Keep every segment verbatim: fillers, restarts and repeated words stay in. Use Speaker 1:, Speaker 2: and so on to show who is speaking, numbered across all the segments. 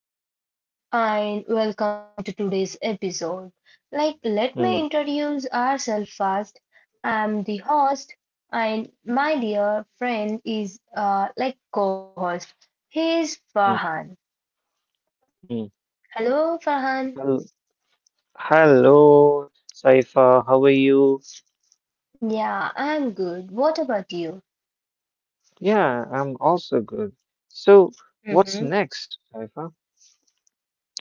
Speaker 1: everyone and welcome to today's episode. Like let me
Speaker 2: Mm,
Speaker 1: introduce ourselves first. I'm the host and my dear friend is uh like co-host. He is
Speaker 2: mm,
Speaker 1: Farhan.
Speaker 2: mm.
Speaker 1: Hello Farhan.
Speaker 2: Hel- Hello, Saifa. How are you?
Speaker 1: Yeah, I'm good. What about you?
Speaker 2: Yeah, I'm also good. So, what's
Speaker 1: Mm-hmm.
Speaker 2: next, Saifa?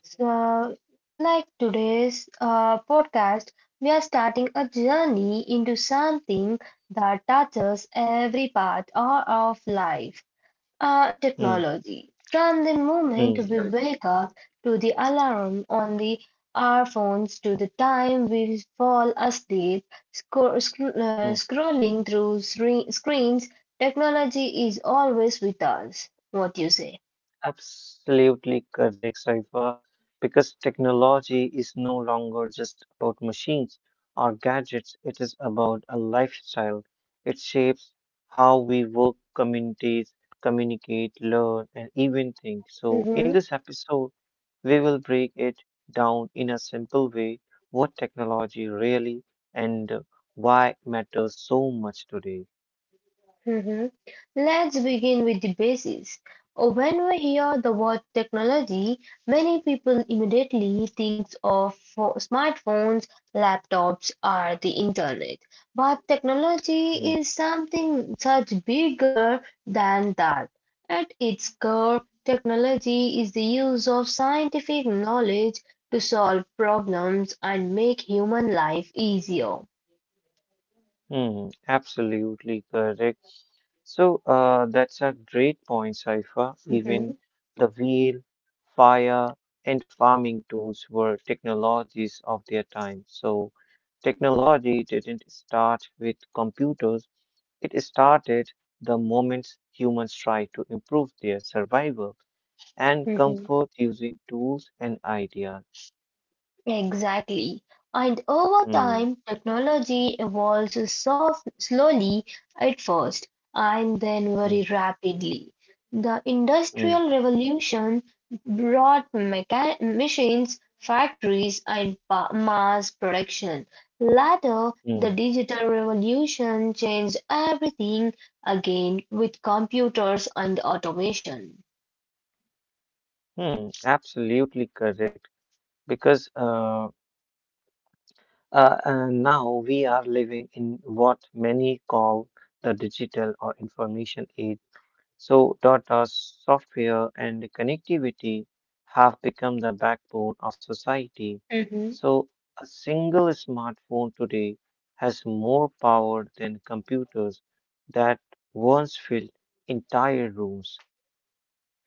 Speaker 1: So, like today's uh podcast, we are starting a journey into something that touches every part of of life, uh,
Speaker 2: Mm,
Speaker 1: technology. From the moment we
Speaker 2: mm.
Speaker 1: wake up to the alarm on the our phones to the time we fall asleep, scro- scro- uh, scrolling through scre- screens, technology is always with us. What you say?
Speaker 2: Absolutely correct, Saifa, because technology is no longer just about machines or gadgets. It is about a lifestyle. It shapes how we work, communities, communicate, learn, and even think. So, in this episode, we will break it down in a simple way what technology really and why matters so much today.
Speaker 1: Mhm. Let's begin with the basics. Uh, When we hear the word technology, many people immediately think of pho- smartphones, laptops, or the internet. But technology
Speaker 2: Hmm.
Speaker 1: is something much bigger than that. At its core, technology is the use of scientific knowledge to solve problems and make human life easier.
Speaker 2: Hmm, absolutely correct. So uh, that's a great point, Saifa. Even the wheel, fire, and farming tools were technologies of their time. So technology didn't start with computers. It started the moment humans tried to improve their survival and
Speaker 1: Mhm.
Speaker 2: comfort using tools and ideas.
Speaker 1: Exactly. And over
Speaker 2: Hmm,
Speaker 1: time, technology evolves soft, slowly at first and then very
Speaker 2: hmm,
Speaker 1: rapidly. The Industrial
Speaker 2: hmm,
Speaker 1: Revolution brought mecha- machines, factories, and pa- mass production. Later,
Speaker 2: hmm,
Speaker 1: the Digital Revolution changed everything again with computers and automation.
Speaker 2: hmm, absolutely correct. Because uh, Uh, and now we are living in what many call the digital or information age. So, data, software, and connectivity have become the backbone of society. So, a single smartphone today has more power than computers that once filled entire rooms.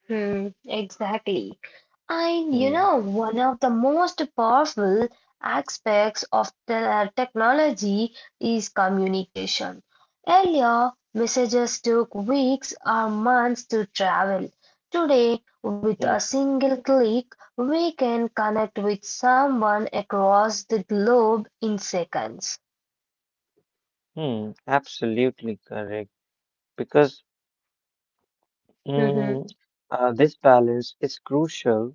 Speaker 1: Hmm, exactly. And you
Speaker 2: Hmm,
Speaker 1: know, one of the most powerful aspects of the technology is communication. Earlier, messages took weeks or months to travel. Today, with a
Speaker 2: hmm,
Speaker 1: single click, we can connect with someone across the globe in seconds.
Speaker 2: hmm, absolutely correct. Because
Speaker 1: Mhm.
Speaker 2: Mm, uh, this balance is crucial,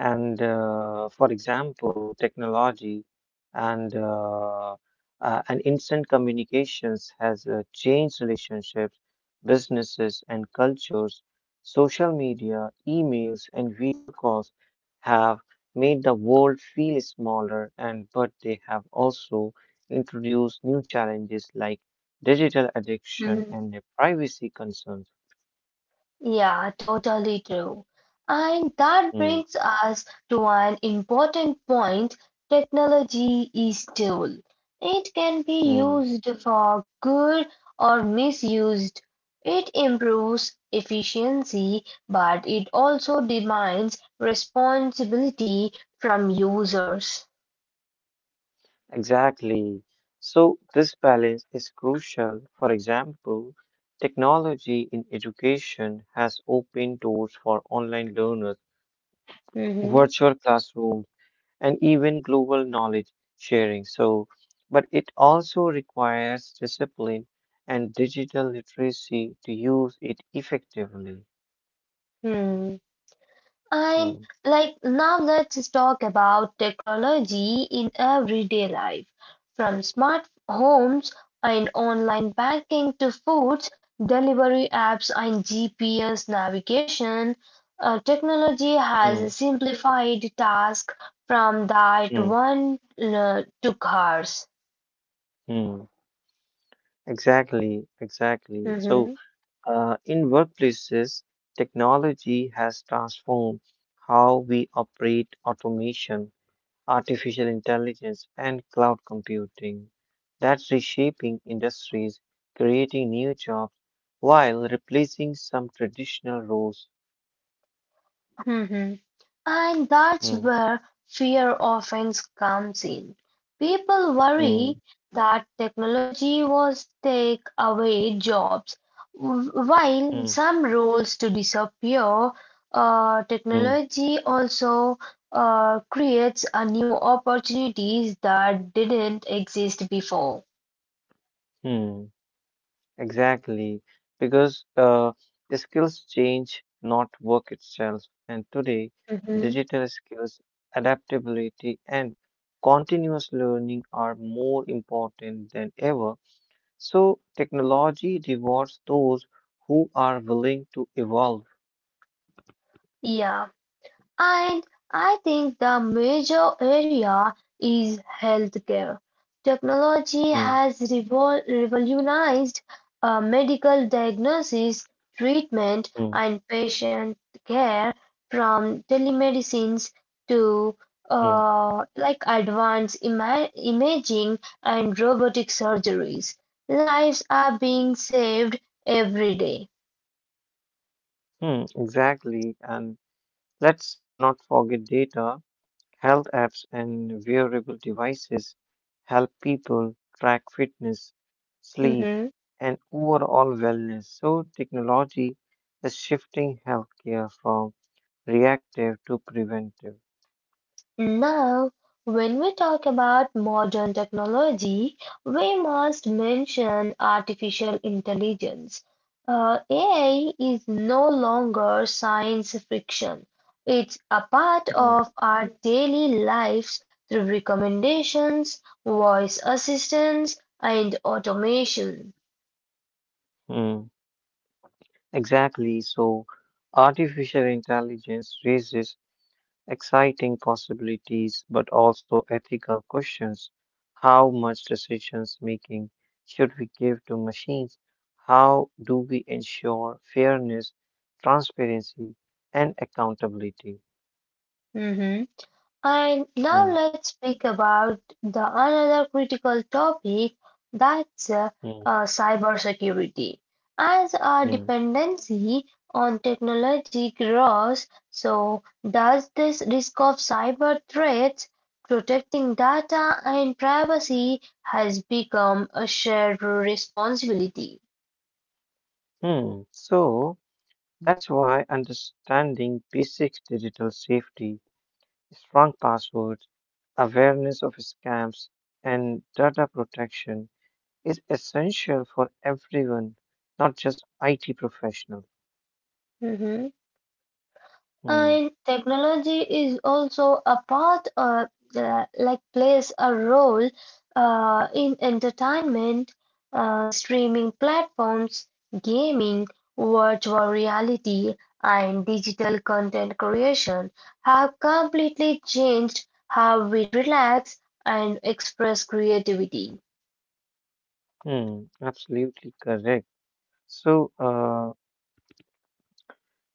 Speaker 2: and uh, for example, technology and uh, uh, and instant communications has uh, changed relationships, businesses, and cultures. Social media, emails, and video calls have made the world feel smaller, and but they have also introduced new challenges like digital addiction and uh, privacy concerns.
Speaker 1: Yeah, totally true. And that
Speaker 2: Mm,
Speaker 1: brings us to an important point. Technology is tool. It can be
Speaker 2: mm.
Speaker 1: used for good or misused. It improves efficiency, but it also demands responsibility from users.
Speaker 2: Exactly. So, this balance is crucial. For example, technology in education has opened doors for online learners,
Speaker 1: Mhm.
Speaker 2: virtual classrooms, and even global knowledge sharing. So, but it also requires discipline and digital literacy to use it effectively.
Speaker 1: Hmm. And
Speaker 2: Hmm,
Speaker 1: like now let's talk about technology in everyday life. From smart homes and online banking to foods, delivery apps and G P S navigation, uh, technology has
Speaker 2: hmm,
Speaker 1: simplified tasks from that
Speaker 2: hmm,
Speaker 1: one, uh, to cars.
Speaker 2: hmm. Exactly, exactly. So,
Speaker 1: Mhm.
Speaker 2: Uh, in workplaces, technology has transformed how we operate automation, artificial intelligence, and cloud computing. That's reshaping industries, creating new jobs, while replacing some traditional roles.
Speaker 1: Mhm. And that's
Speaker 2: Mm,
Speaker 1: where fear often comes in. People
Speaker 2: mm,
Speaker 1: worry that technology will take away jobs. W- While
Speaker 2: mm,
Speaker 1: some roles to disappear, uh,
Speaker 2: mm,
Speaker 1: technology also uh, creates a new opportunities that didn't exist before.
Speaker 2: mm. Exactly, because uh, the skills change, not work itself. And today,
Speaker 1: Mhm.
Speaker 2: digital skills, adaptability, and continuous learning are more important than ever. So, technology rewards those who are willing to evolve.
Speaker 1: Yeah. And I think the major area is healthcare. Technology
Speaker 2: Mm,
Speaker 1: has revol- revolutionized uh, medical diagnosis, treatment,
Speaker 2: mm,
Speaker 1: and patient care, from telemedicines to
Speaker 2: mm,
Speaker 1: uh, like advanced ima- imaging and robotic surgeries. Lives are being saved every day.
Speaker 2: mm, exactly. And let's not forget data. Health apps and wearable devices help people track fitness, sleep,
Speaker 1: Mhm.
Speaker 2: and overall wellness. So, technology is shifting healthcare from reactive to preventive.
Speaker 1: Now, when we talk about modern technology, we must mention artificial intelligence. Uh, A I is no longer science fiction. It's a part of our daily lives through recommendations, voice assistance, and automation.
Speaker 2: Mhm. Exactly. So, artificial intelligence raises exciting possibilities, but also ethical questions. How much decisions making should we give to machines? How do we ensure fairness, transparency, and accountability?
Speaker 1: Mm-hmm. And now
Speaker 2: Hmm,
Speaker 1: let's speak about the another critical topic, that's uh,
Speaker 2: hmm,
Speaker 1: uh, cybersecurity. As our
Speaker 2: hmm,
Speaker 1: dependency on technology grows, so does this risk of cyber threats, protecting data and privacy has become a shared responsibility.
Speaker 2: hmm. So that's why understanding basic digital safety, strong passwords, awareness of scams, and data protection is essential for everyone, not just I T professional. Hmm.
Speaker 1: And technology is also a part of the, like plays a role uh, in entertainment, uh, streaming platforms, gaming, virtual reality, and digital content creation have completely changed how we relax and express creativity.
Speaker 2: Hmm. Absolutely correct. So, uh,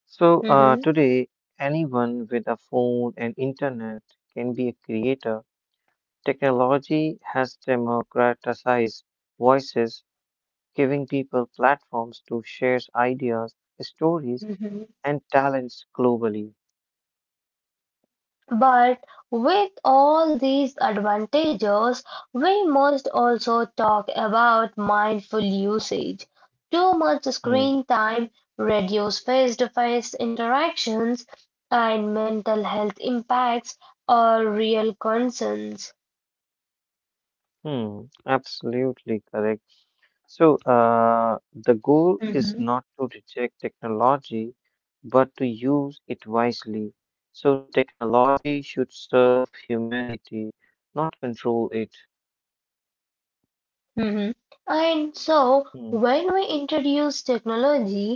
Speaker 2: so uh,
Speaker 1: Mhm.
Speaker 2: today, anyone with a phone and internet can be a creator. Technology has democratized voices, giving people platforms to share ideas, stories, and talents globally.
Speaker 1: But with all these advantages, we must also talk about mindful usage. Too much
Speaker 2: Hmm.
Speaker 1: screen time reduces face-to-face interactions and mental health impacts are real concerns.
Speaker 2: Hmm. Absolutely correct. So, uh, the goal is not to reject technology, but to use it wisely. So, technology should serve humanity, not control it.
Speaker 1: Mhm. And so
Speaker 2: Hmm,
Speaker 1: when we introduce technology,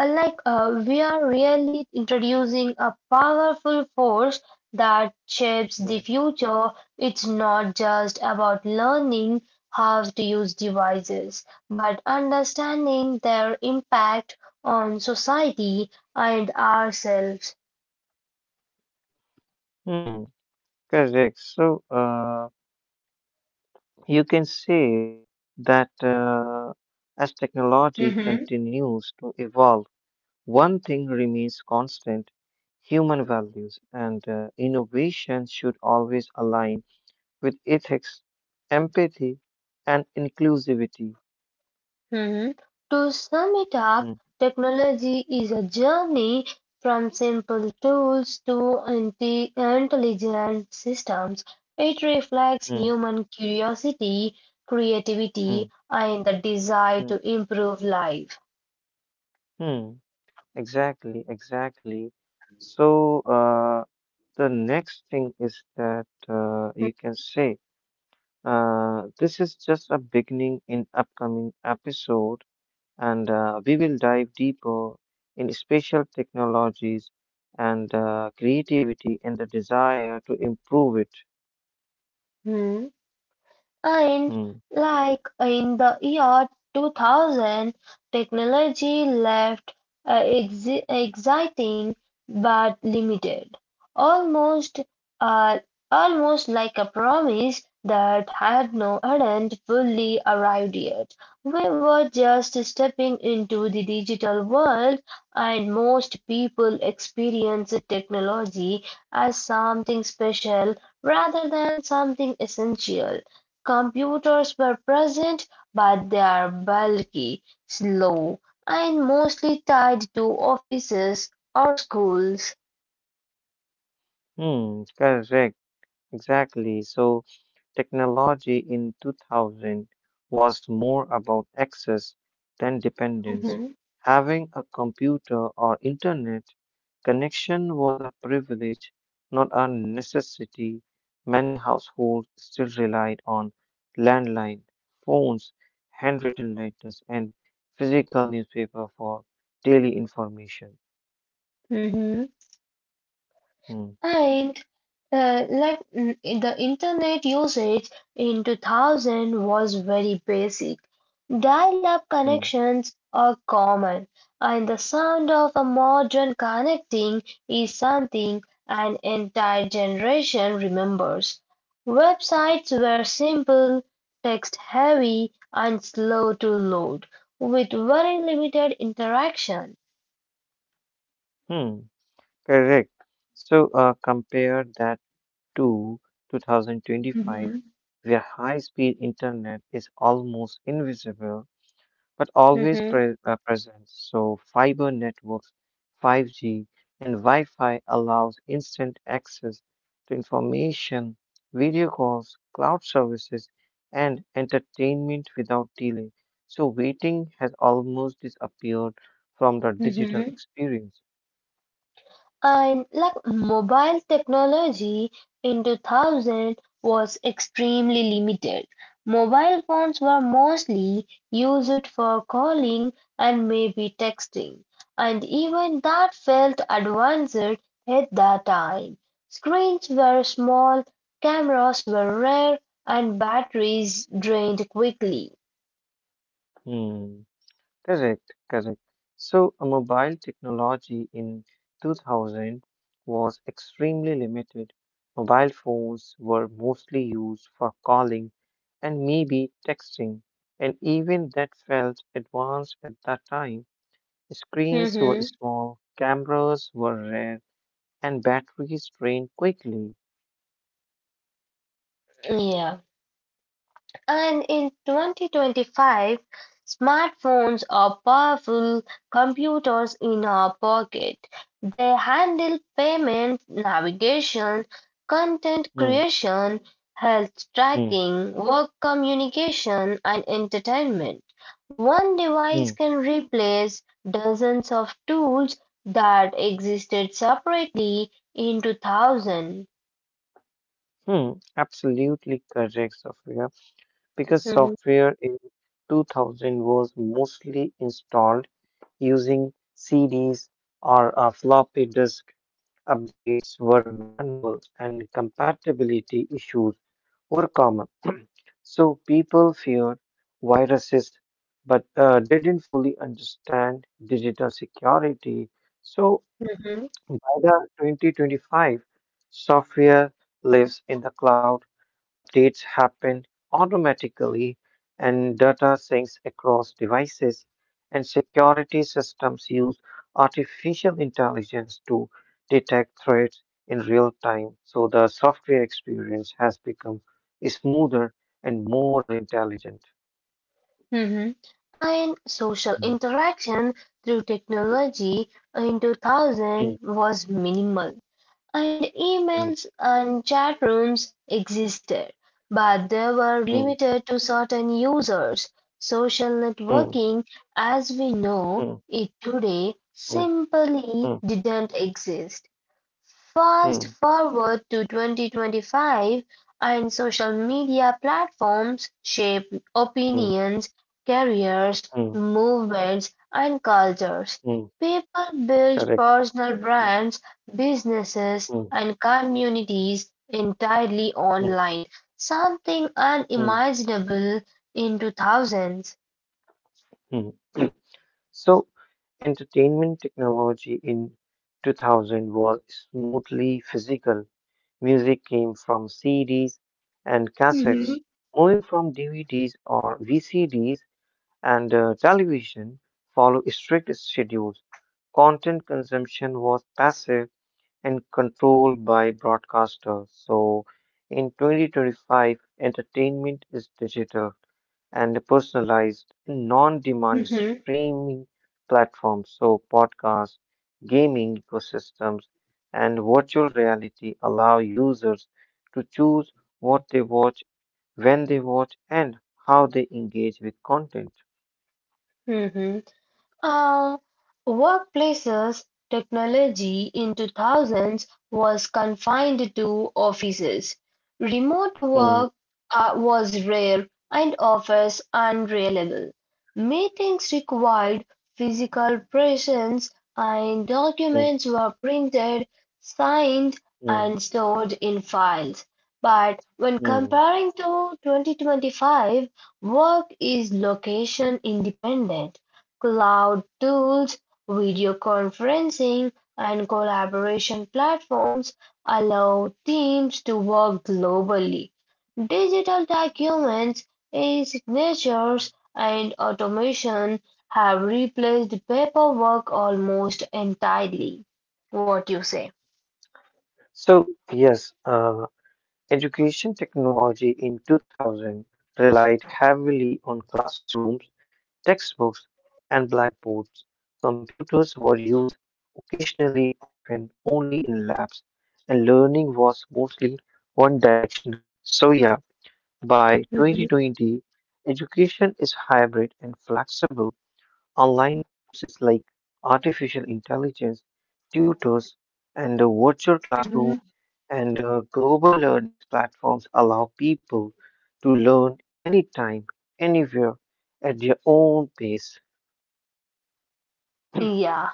Speaker 1: uh, like uh, we are really introducing a powerful force that shapes the
Speaker 2: hmm,
Speaker 1: future. It's not just about learning how to use devices, but understanding their impact on society and ourselves.
Speaker 2: hmm, correct. So, uh, you can say that uh, as technology continues to evolve, one thing remains constant human values, and uh, innovation should always align with ethics, empathy, and inclusivity.
Speaker 1: Mhm. To sum it up,
Speaker 2: Mm,
Speaker 1: technology is a journey from simple tools to anti- intelligent systems. It reflects
Speaker 2: mm,
Speaker 1: human curiosity, creativity,
Speaker 2: mm,
Speaker 1: and the desire
Speaker 2: mm,
Speaker 1: to improve life.
Speaker 2: mm. Exactly, exactly. So, uh, the next thing is that uh, you can say uh, this is just a beginning in upcoming episode, and uh, we will dive deeper in spatial technologies and uh, creativity and the desire to improve it.
Speaker 1: Mhm. And
Speaker 2: Hmm.
Speaker 1: like in the year two thousand, technology left, uh, exi- exciting but limited, almost uh, almost like a promise that had no hadn't fully arrived yet. We were just stepping into the digital world, and most people experience technology as something special rather than something essential. Computers were present, but they are bulky, slow, and mostly tied to offices or schools.
Speaker 2: Hmm, correct. Exactly. So technology in two thousand was more about access than dependence.
Speaker 1: Mm-hmm.
Speaker 2: Having a computer or internet connection was a privilege, not a necessity. Many households still relied on landline phones, handwritten letters, and physical newspaper for daily information.
Speaker 1: Mm-hmm.
Speaker 2: Hmm,
Speaker 1: And uh, like mm, the internet usage in two thousand was very basic. Dial-up
Speaker 2: hmm,
Speaker 1: connections are common, and the sound of a modern connecting is something an entire generation remembers. Websites were simple, text-heavy, and slow to load, with very limited interaction.
Speaker 2: hmm. Correct. So uh, compare that to twenty twenty-five,
Speaker 1: Hmm.
Speaker 2: where high speed internet is almost invisible but always
Speaker 1: Mhm,
Speaker 2: pre- uh, present. So, fiber networks, five G, and Wi Fi allows instant access to information, video calls, cloud services, and entertainment without delay. So, waiting has almost disappeared from the digital
Speaker 1: mhm.
Speaker 2: experience.
Speaker 1: And like mobile technology in two thousand was extremely limited. Mobile phones were mostly used for calling and maybe texting, and even that felt advanced at that time. Screens were small, cameras were rare, and batteries drained quickly.
Speaker 2: Hmm. Correct, correct. So, a mobile technology in two thousand was extremely limited. Mobile phones were mostly used for calling and maybe texting, and even that felt advanced at that time. Screens were
Speaker 1: Mhm.
Speaker 2: small, cameras were rare, and batteries drained quickly.
Speaker 1: Yeah. And in twenty twenty-five, smartphones are powerful computers in our pocket. They handle payment, navigation, content
Speaker 2: Hmm,
Speaker 1: creation, health
Speaker 2: hmm,
Speaker 1: tracking, work communication, and entertainment. One
Speaker 2: hmm,
Speaker 1: device can replace dozens of tools that existed separately in two thousand.
Speaker 2: hmm. Absolutely correct, Sophia, because
Speaker 1: Mhm,
Speaker 2: software in two thousand was mostly installed using C Ds or a floppy disk. Updates were manual and compatibility issues were common. So people feared viruses but uh, didn't fully understand digital security. So
Speaker 1: mhm.
Speaker 2: by the twenty twenty-five, software lives in the cloud, updates happen automatically, and data syncs across devices, and security systems use artificial intelligence to detect threats in real time. So the software experience has become smoother and more intelligent.
Speaker 1: Mhm. And social
Speaker 2: Mm,
Speaker 1: interaction through technology in
Speaker 2: mm,
Speaker 1: two thousand was minimal, and
Speaker 2: mm,
Speaker 1: emails and chat rooms existed, but they were
Speaker 2: mm,
Speaker 1: limited to certain users. Social
Speaker 2: mm,
Speaker 1: networking, as we know
Speaker 2: mm,
Speaker 1: it today, simply
Speaker 2: mm,
Speaker 1: didn't exist.
Speaker 2: mm,
Speaker 1: Fast
Speaker 2: mm,
Speaker 1: forward to twenty-twenty-five, and social media platforms shape
Speaker 2: mm,
Speaker 1: opinions, careers,
Speaker 2: mm,
Speaker 1: movements, and cultures.
Speaker 2: mm.
Speaker 1: People build
Speaker 2: Correct.
Speaker 1: personal brands, businesses,
Speaker 2: Mm,
Speaker 1: and communities entirely
Speaker 2: mm.
Speaker 1: online, something
Speaker 2: Mhm,
Speaker 1: unimaginable in two thousands.
Speaker 2: mhm. So, entertainment technology in two thousand was smoothly physical. Music came from C Ds and
Speaker 1: Hmm.
Speaker 2: cassettes, moving from D V Ds or V C Ds, and uh, television follow strict schedules. Content consumption was passive and controlled by broadcasters. So, in twenty twenty-five, entertainment is digital and personalized non-demand streaming platforms so podcasts gaming ecosystems and virtual reality allow users to choose what they watch when they watch and how they engage with content.
Speaker 1: Hmm. Uh, workplaces technology in two thousands was confined to offices. Remote
Speaker 2: Mm,
Speaker 1: work uh, was rare and office unreliable. Meetings required physical presence and
Speaker 2: mm,
Speaker 1: documents were printed, signed,
Speaker 2: mm,
Speaker 1: and stored in files. But when
Speaker 2: mm.
Speaker 1: comparing to twenty twenty-five, work is location independent. Cloud tools, video conferencing, and collaboration platforms allow teams to work globally. Digital documents, e-signatures, and automation have replaced paperwork almost entirely. What you say?
Speaker 2: So, yes, uh, education technology in two thousand relied heavily on classrooms textbooks and blackboards. Computers were used occasionally, often only in labs, and learning was mostly one directional. So, yeah, by
Speaker 1: Mhm.
Speaker 2: twenty twenty, education is hybrid and flexible. Online courses like artificial intelligence, tutors, and uh, virtual
Speaker 1: Mhm.
Speaker 2: classrooms and uh, global learning platforms allow people to learn anytime, anywhere, at their own pace.
Speaker 1: Yeah.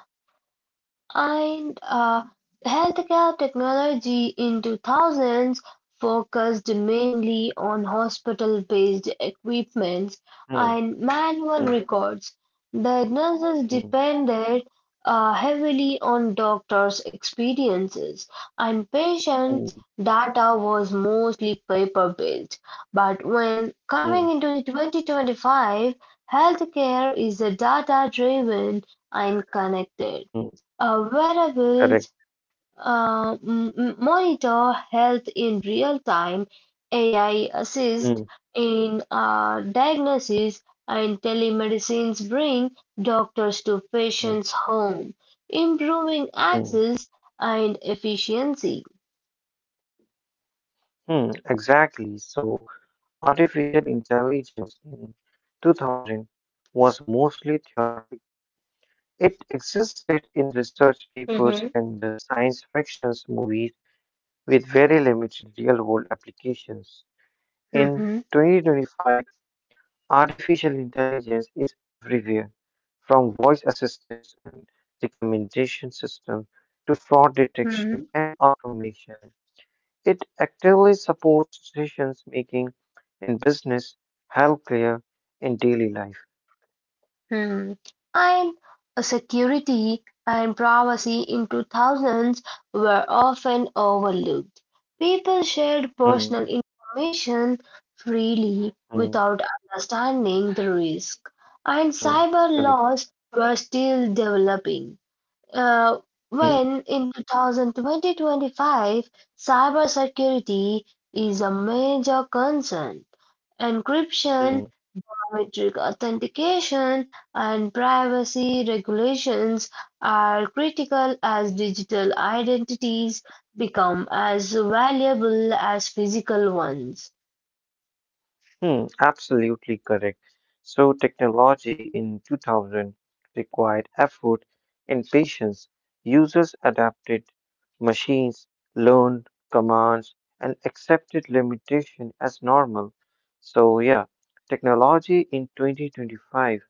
Speaker 1: and uh, healthcare technology in two thousands focused mainly on hospital-based equipments
Speaker 2: Mm,
Speaker 1: and manual
Speaker 2: mm,
Speaker 1: records. The nurses
Speaker 2: mm,
Speaker 1: depended uh, heavily on doctors' experiences, and patients'
Speaker 2: mm,
Speaker 1: data was mostly paper-based. But when
Speaker 2: mm,
Speaker 1: coming into the twenty twenty-five, healthcare is a data-driven and connected.
Speaker 2: mm.
Speaker 1: Uh, wearables,
Speaker 2: Correct.
Speaker 1: uh, m- m- monitor health in real time, A I
Speaker 2: Mm,
Speaker 1: assist in uh, diagnosis, and telemedicines bring doctors to
Speaker 2: mm,
Speaker 1: patients' home, improving
Speaker 2: mm,
Speaker 1: access and efficiency.
Speaker 2: mm. Exactly. So, artificial intelligence in two thousand was mostly theoretical. It existed in research papers
Speaker 1: Mm-hmm.
Speaker 2: and the science fiction movies with very limited real world applications. In
Speaker 1: Mm-hmm.
Speaker 2: twenty twenty-five, artificial intelligence is everywhere, from voice assistants and recommendation systems to fraud detection and automation. It actively supports decision making in business, healthcare, and daily life.
Speaker 1: Hmm. And security and privacy in two thousands were often overlooked. People shared personal
Speaker 2: Mm,
Speaker 1: information freely
Speaker 2: mm,
Speaker 1: without understanding the risk, and
Speaker 2: mm,
Speaker 1: cyber
Speaker 2: correct.
Speaker 1: laws were still developing. Uh,
Speaker 2: Mm,
Speaker 1: when in twenty twenty-twenty-five, cybersecurity is a major concern. Encryption
Speaker 2: mm,
Speaker 1: biometric authentication and privacy regulations are critical as digital identities become as valuable as physical ones.
Speaker 2: mm, absolutely correct. So, technology in two thousand required effort and patience. Users adapted. Machines learned commands and accepted limitation as normal. So yeah, technology in twenty twenty-five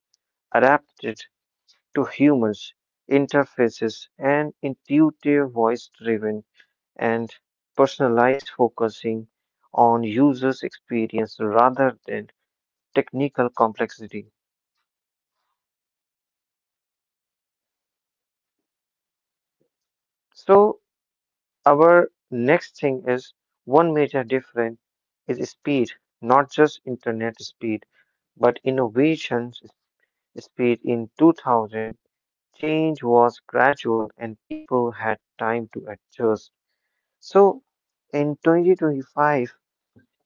Speaker 2: adapted to humans interfaces and intuitive voice driven and personalized focusing on users experience rather than technical complexity. So our next thing is one major difference is speed, not just internet speed, but innovations speed in two thousand. Change was gradual and people had time to adjust. So in twenty twenty-five,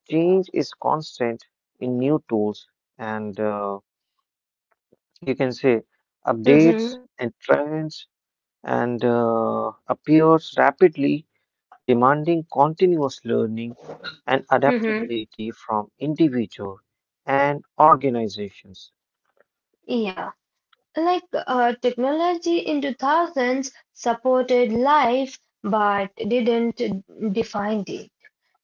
Speaker 2: change is constant in new tools and uh, you can say updates
Speaker 1: Mm-hmm.
Speaker 2: and trends and uh, appears rapidly, demanding continuous learning and
Speaker 1: Mm-hmm.
Speaker 2: adaptability from individuals and organizations.
Speaker 1: Yeah, like uh, technology in two thousands supported life but didn't define it.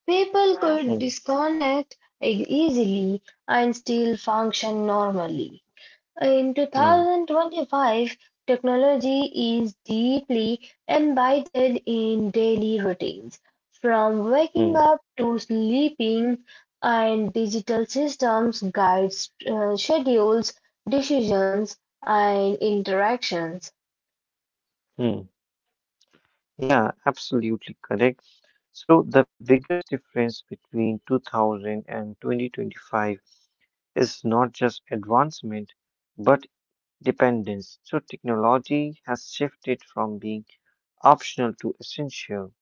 Speaker 1: People could
Speaker 2: Hmm,
Speaker 1: disconnect e- easily and still function normally. In
Speaker 2: hmm,
Speaker 1: two thousand twenty-five, technology is deeply embedded in daily routines. From waking
Speaker 2: hmm,
Speaker 1: up to sleeping, and digital systems guide uh, schedules, decisions, and interactions.
Speaker 2: hmm. Yeah, absolutely correct. So the biggest difference between two thousand and twenty twenty-five is not just advancement, but dependence. So technology has shifted from being optional to essential.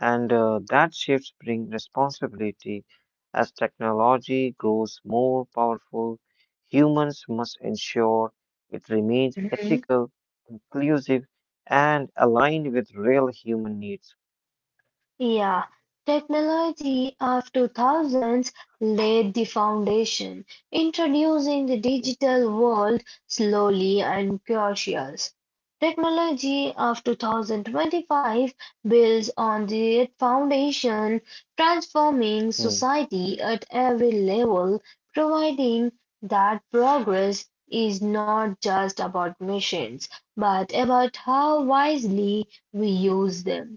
Speaker 2: And uh, that shifts bring responsibility. As technology grows more powerful, humans must ensure it remains ethical, inclusive, and aligned with real human needs.
Speaker 1: Yeah, technology of two thousands laid the foundation, introducing the digital world slowly and cautious. Technology of two thousand twenty-five builds on the foundation, transforming
Speaker 2: Hmm,
Speaker 1: society at every level, providing that progress is not just about machines, but about how wisely we use them.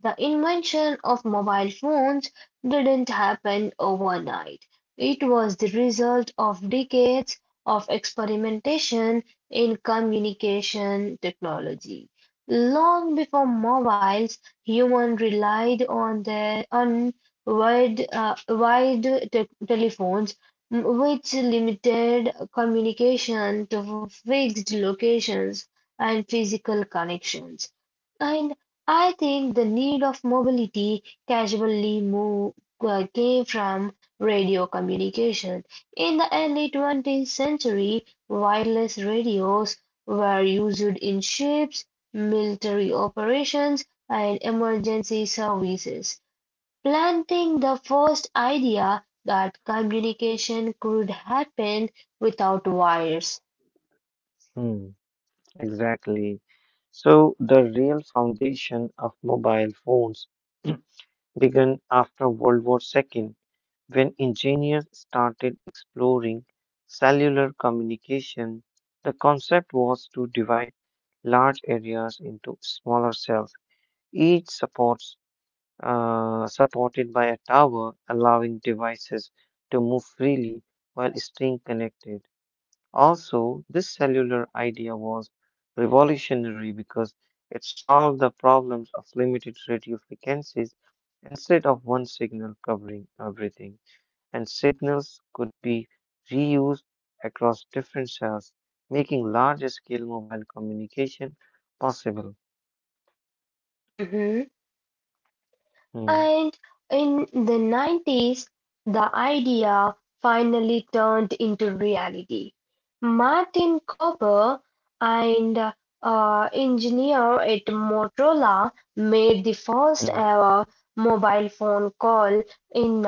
Speaker 1: The invention of mobile phones didn't happen overnight. It was the result of decades of experimentation in communication technology. Long before mobiles, humans relied on their on wide, uh, wide te- telephones, m- which limited communication to fixed locations and physical connections. And I think the need of mobility casually moved, uh, came from radio communication. In the early twentieth century, wireless radios were used in ships, military operations, and emergency services, planting the first idea that communication could happen without wires.
Speaker 2: hmm, exactly. So, the real foundation of mobile phones began after World War Two when engineers started exploring cellular communication. The concept was to divide large areas into smaller cells, each supports, uh, supported by a tower, allowing devices to move freely while staying connected. Also, this cellular idea was revolutionary because it solved the problems of limited radio frequencies instead of one signal covering everything. And signals could be reused across different cells, making large scale mobile communication possible.
Speaker 1: Mhm.
Speaker 2: Hmm,
Speaker 1: And in the nineties, the idea finally turned into reality. Martin Kober, an uh, engineer at Motorola, made the first
Speaker 2: hmm,
Speaker 1: ever mobile phone call in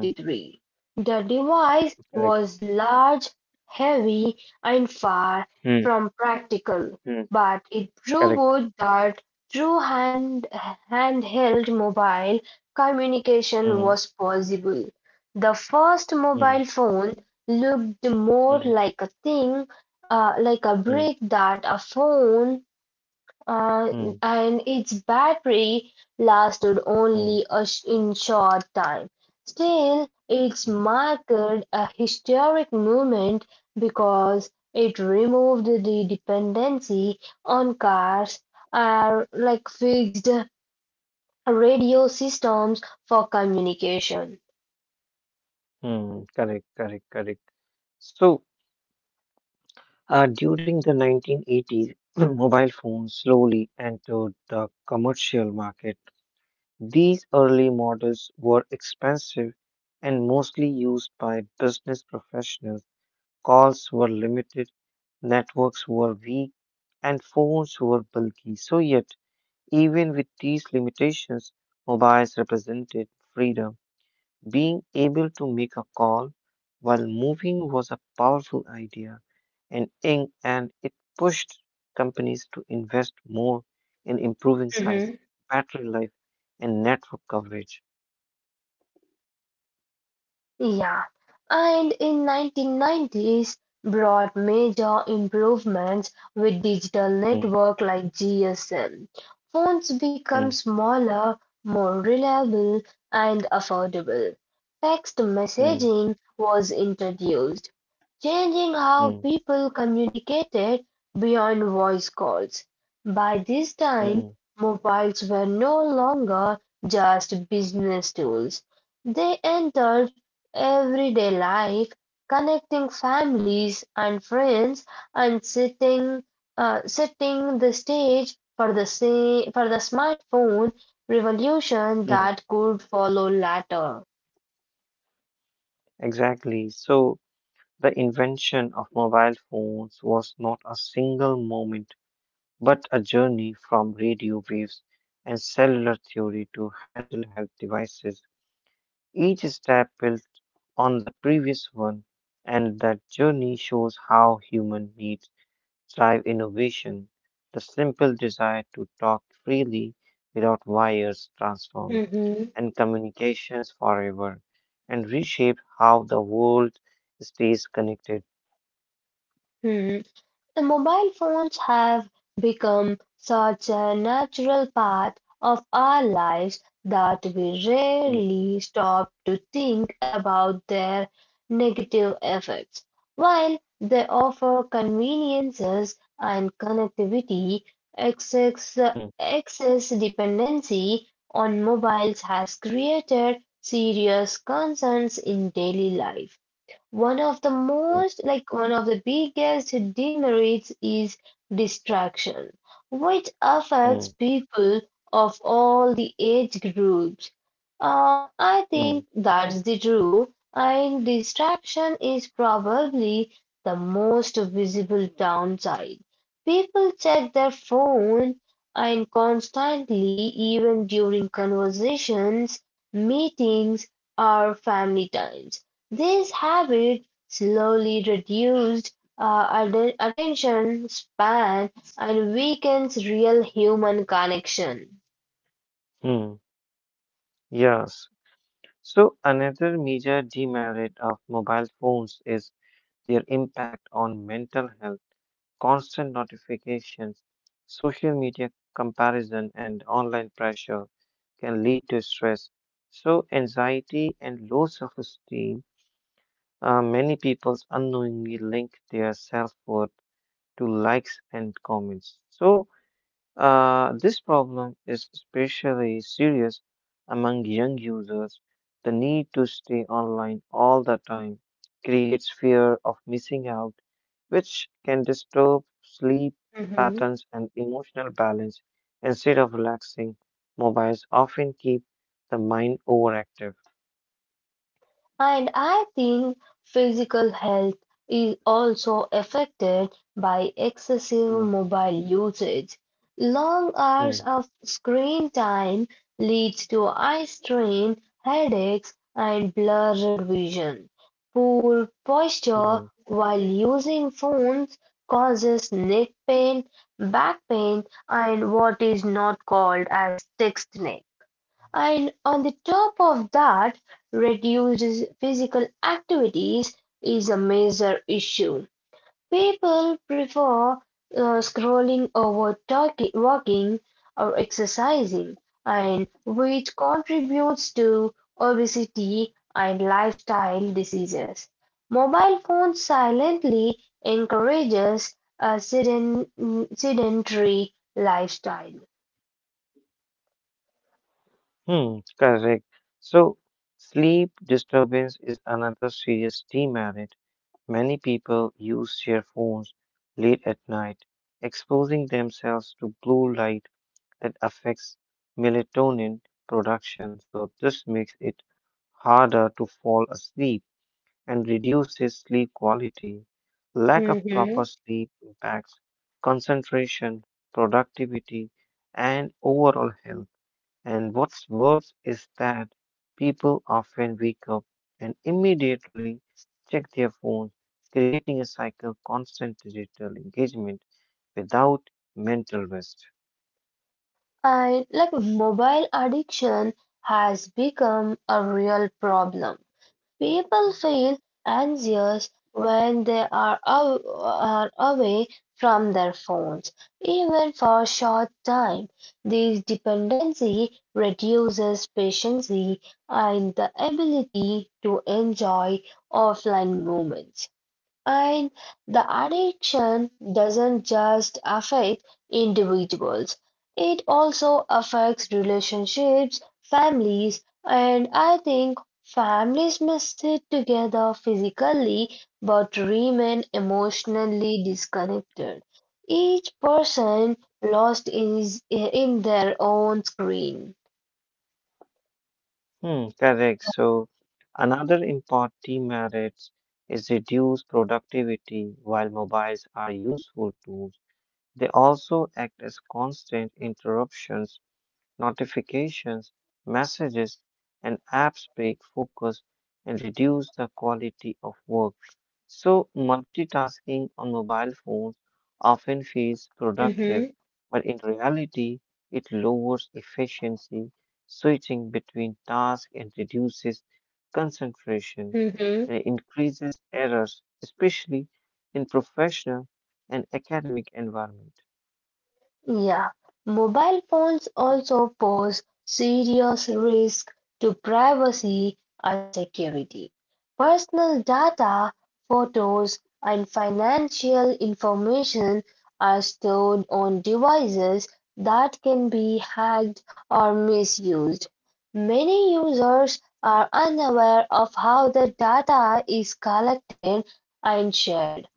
Speaker 2: hmm,
Speaker 1: The device
Speaker 2: correct.
Speaker 1: was large, heavy, and far
Speaker 2: Hmm,
Speaker 1: from practical,
Speaker 2: hmm,
Speaker 1: but it
Speaker 2: correct.
Speaker 1: proved that through hand handheld mobile communication was
Speaker 2: Hmm,
Speaker 1: possible; the first mobile
Speaker 2: hmm,
Speaker 1: phone looked more
Speaker 2: hmm,
Speaker 1: like a thing, uh, like a
Speaker 2: hmm,
Speaker 1: brick that a phone uh,
Speaker 2: hmm,
Speaker 1: and its battery lasted
Speaker 2: hmm,
Speaker 1: only a sh- in short time. Still, it's
Speaker 2: hmm,
Speaker 1: marked a historic moment because it removed the dependency on cars or like fixed radio systems for communication.
Speaker 2: hmm, correct, correct, correct. So, Uh, during the nineteen eighties, mobile phones slowly entered the commercial market. These early models were expensive and mostly used by business professionals. Calls were limited, networks were weak, and phones were bulky. So, yet, even with these limitations, mobiles represented freedom. Being able to make a call while moving was a powerful idea, and, in, and it pushed companies to invest more in improving size, battery life, and network coverage.
Speaker 1: Yeah, and in nineteen nineties brought major improvements with digital
Speaker 2: Mm,
Speaker 1: network like G S M. Phones become
Speaker 2: mm,
Speaker 1: smaller, more reliable and affordable. Text
Speaker 2: mm,
Speaker 1: messaging was introduced, changing how
Speaker 2: mm,
Speaker 1: people communicated beyond voice calls. By this time,
Speaker 2: mm,
Speaker 1: mobiles were no longer just business tools. They entered everyday life, connecting families and friends, and setting uh, setting the stage for the sa- for the smartphone revolution
Speaker 2: mm.
Speaker 1: that could follow later.
Speaker 2: Exactly. So, the invention of mobile phones was not a single moment, but a journey from radio waves and cellular theory to handheld health devices. Each step built on the previous one, and that journey shows how human needs drive innovation. The simple desire to talk freely without wires transformed
Speaker 1: Hmm.
Speaker 2: and communications forever and reshape how the world stays connected.
Speaker 1: Hmm. The mobile phones have become such a natural part of our life that we
Speaker 2: Mm,
Speaker 1: rarely stop to think about their negative effects. While they offer conveniences and connectivity, excess,
Speaker 2: mm,
Speaker 1: excess dependency on mobiles has created serious concerns in daily life. One of the
Speaker 2: mm,
Speaker 1: most, like one of the biggest demerits is distraction, which affects
Speaker 2: mm,
Speaker 1: people of all the age groups. Uh, I think
Speaker 2: mm,
Speaker 1: that's the true, and distraction is probably the most visible downside. People check their phone and constantly, even during conversations, meetings, or family times. This habit slowly reduced our atten- attention span and weakens real human connection.
Speaker 2: mm. Yes. So another major demerit of mobile phones is their impact on mental health. Constant notifications, social media comparison, and online pressure can lead to stress. So, anxiety and low self esteem are many people unknowingly link their self worth to likes and comments. So, uh, this problem is especially serious among young users. The need to stay online all the time creates fear of missing out, which can disturb sleep patterns and emotional balance. Instead of relaxing, mobiles often keep the mind overactive.
Speaker 1: And I think physical health is also affected by excessive
Speaker 2: Mm,
Speaker 1: mobile usage. Long hours
Speaker 2: mm,
Speaker 1: of screen time leads to eye strain, headaches, and blurred vision. Poor
Speaker 2: mm,
Speaker 1: posture while using phones causes neck pain, back pain, and what is not called as text neck. And on the top of that, reduced physical activities is a major issue. People prefer uh, scrolling over talking, walking or exercising, and which contributes to obesity and lifestyle diseases. Mobile phones silently encourages a seden- sedentary lifestyle.
Speaker 2: mm, correct. So, sleep disturbance is another serious theme. Many people use their phones late at night, exposing themselves to blue light that affects melatonin production. So, this makes it harder to fall asleep and reduces sleep quality. Lack of proper sleep impacts concentration, productivity, and overall health. And what's worse is that people often wake up and immediately check their phones, creating a cycle of constant digital engagement without mental rest.
Speaker 1: And like mobile addiction has become a real problem. People feel anxious when they are, aw- are away from their phones, even for a short time. This dependency reduces patience and the ability to enjoy offline moments. And the addiction doesn't just affect individuals, it also affects relationships, families, and I think families must sit together physically but remain emotionally disconnected. Each person lost is in their own screen.
Speaker 2: Hmm, correct. So, another important demerit is reduced productivity. While mobiles are useful tools, they also act as constant interruptions. Notifications, messages, and apps break focus and reduce the quality of work. So, multitasking on mobile phones often feels
Speaker 1: hmm
Speaker 2: productive, but in reality, it lowers efficiency, switching between tasks and reduces concentration
Speaker 1: hmm
Speaker 2: and increases errors, especially in professional and academic environment.
Speaker 1: Yeah, mobile phones also pose serious risk to privacy and security. Personal data, photos, and financial information are stored on devices that can be hacked or misused. Many users are unaware of how the data is collected and shared.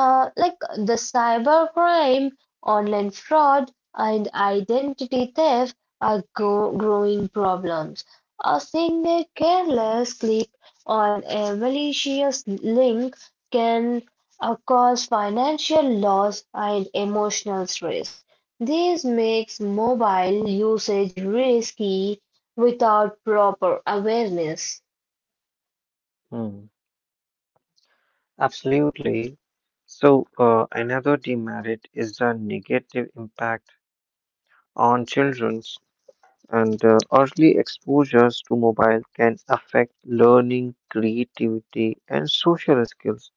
Speaker 1: Uh, like the cybercrime, online fraud, and identity theft are go growing problems. A single careless click on a malicious link can uh, cause financial loss and emotional stress. This makes mobile usage risky without proper awareness.
Speaker 2: Hmm. Absolutely. So, uh, another demerit is the negative impact on children's and uh, early exposures to mobile can affect learning, creativity, and social skills.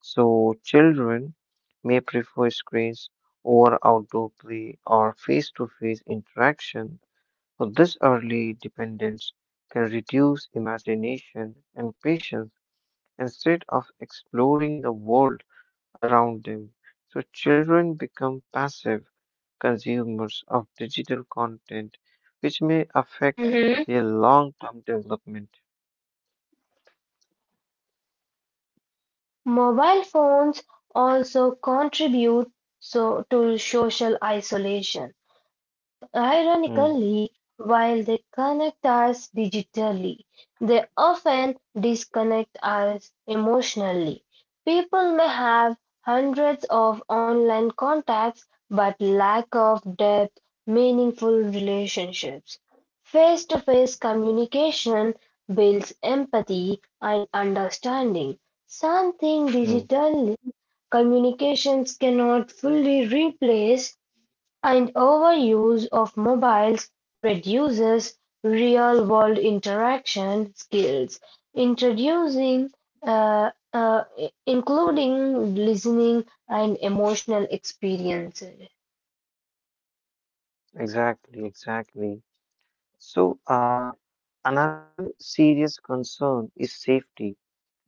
Speaker 2: So, children may prefer screens over outdoor play or face-to-face interaction. So, this early dependence can reduce imagination and patience instead of exploring the world around them. So children become passive consumers of digital content, which may affect their long term development.
Speaker 1: Mobile phones also contribute so to social isolation. Ico-
Speaker 2: Hmm.
Speaker 1: Ironically, while they connect us digitally, they often disconnect us emotionally. People may have hundreds of online contacts but lack of depth, meaningful relationships. Face-to-face communication builds empathy and understanding, something
Speaker 2: Hmm.
Speaker 1: digital communications cannot fully replace, and overuse of mobiles reduces real-world interaction skills, introducing uh, uh, including listening and emotional experiences.
Speaker 2: Exactly. Exactly. So, uh, another serious concern is safety.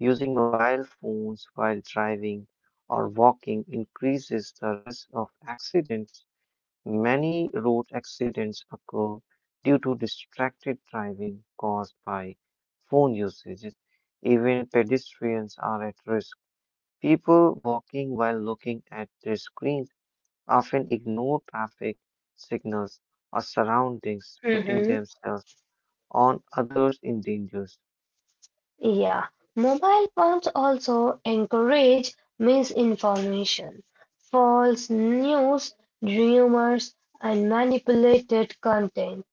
Speaker 2: Using mobile phones while driving or walking increases the risk of accidents. Many road accidents occur due to distracted driving caused by phone usage. Even pedestrians are at risk. People walking while looking at their screens often ignore traffic signals or surroundings, putting themselves on others in danger.
Speaker 1: Yeah, mobile phones also encourage misinformation, false news, rumors, and manipulated content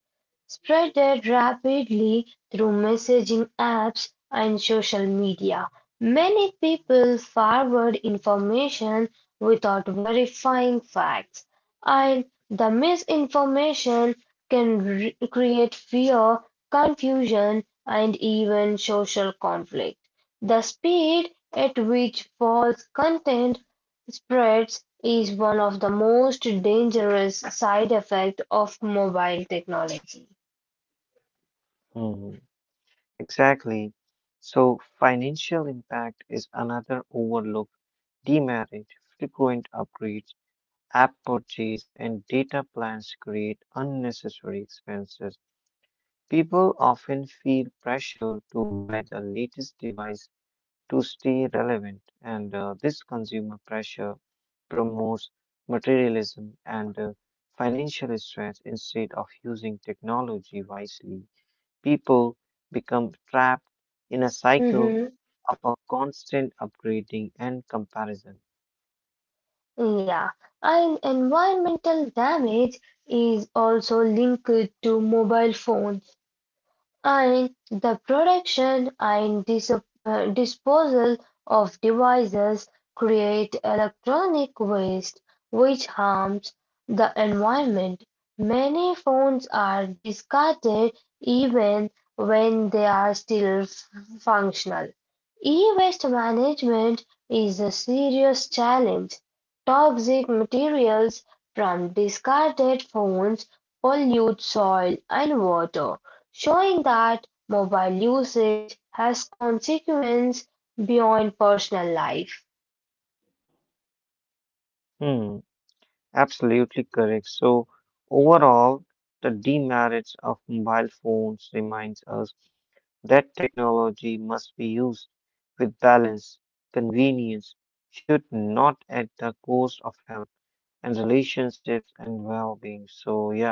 Speaker 1: spreaded rapidly through messaging apps and social media. Many people forward information without verifying facts, and the misinformation can re- create fear confusion, and even social conflict. The speed at which false content spreads is one of the most dangerous side effects of mobile technology.
Speaker 2: Hmm. Exactly. So, financial impact is another overlooked demerit. Frequent upgrades. App purchase and data plans create unnecessary expenses. People often feel pressure to buy the latest device to stay relevant, and uh, this consumer pressure promotes materialism and uh, financial stress instead of using technology wisely. People become trapped in a cycle
Speaker 1: Mhm.
Speaker 2: of a constant upgrading and comparison.
Speaker 1: Yeah, and environmental damage is also linked to mobile phones. And the production and dis- uh, disposal of devices create electronic waste which harms the environment. Many phones are discarded even when they are still f- functional. E-waste management is a serious challenge. Toxic materials from discarded phones pollute soil and water. Showing that mobile usage has consequences beyond personal life.
Speaker 2: Hmm. Absolutely correct. So, overall, the demerits of mobile phones reminds us that technology must be used with balance. Convenience should not at the cost of health and relationships and well-being. So, yeah.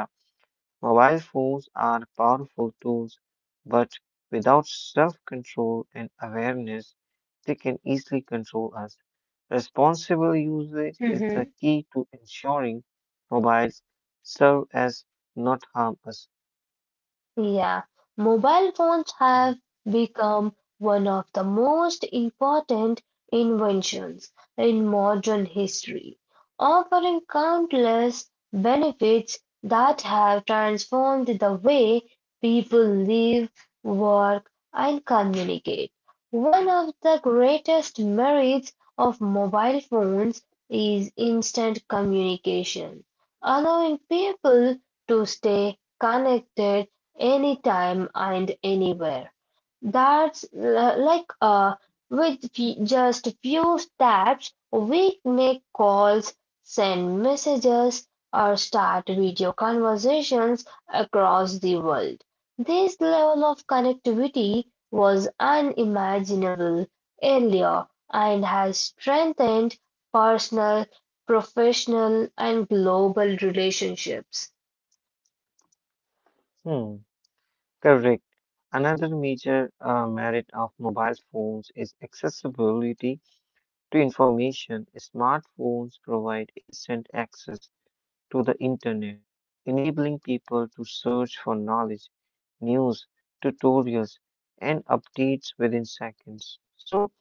Speaker 2: Mobile phones are powerful tools, but without self control and awareness, they can easily control us. Responsible usage is the key to ensuring mobiles serve as not harm us.
Speaker 1: Yeah, mobile phones have become one of the most important inventions in modern history, offering countless benefits that have transformed the way people live, work, and communicate. One of the greatest merits of mobile phones is instant communication, allowing people to stay connected anytime and anywhere. That's li- like uh, With fe- just few taps, we make calls, send messages, or start video conversations across the world. This level of connectivity was unimaginable earlier and has strengthened personal, professional, and global relationships.
Speaker 2: Hmm, correct. Another major uh, merit of mobile phones is accessibility to information. Smartphones provide instant access to the internet, enabling people to search for knowledge, news, tutorials, and updates within seconds. So,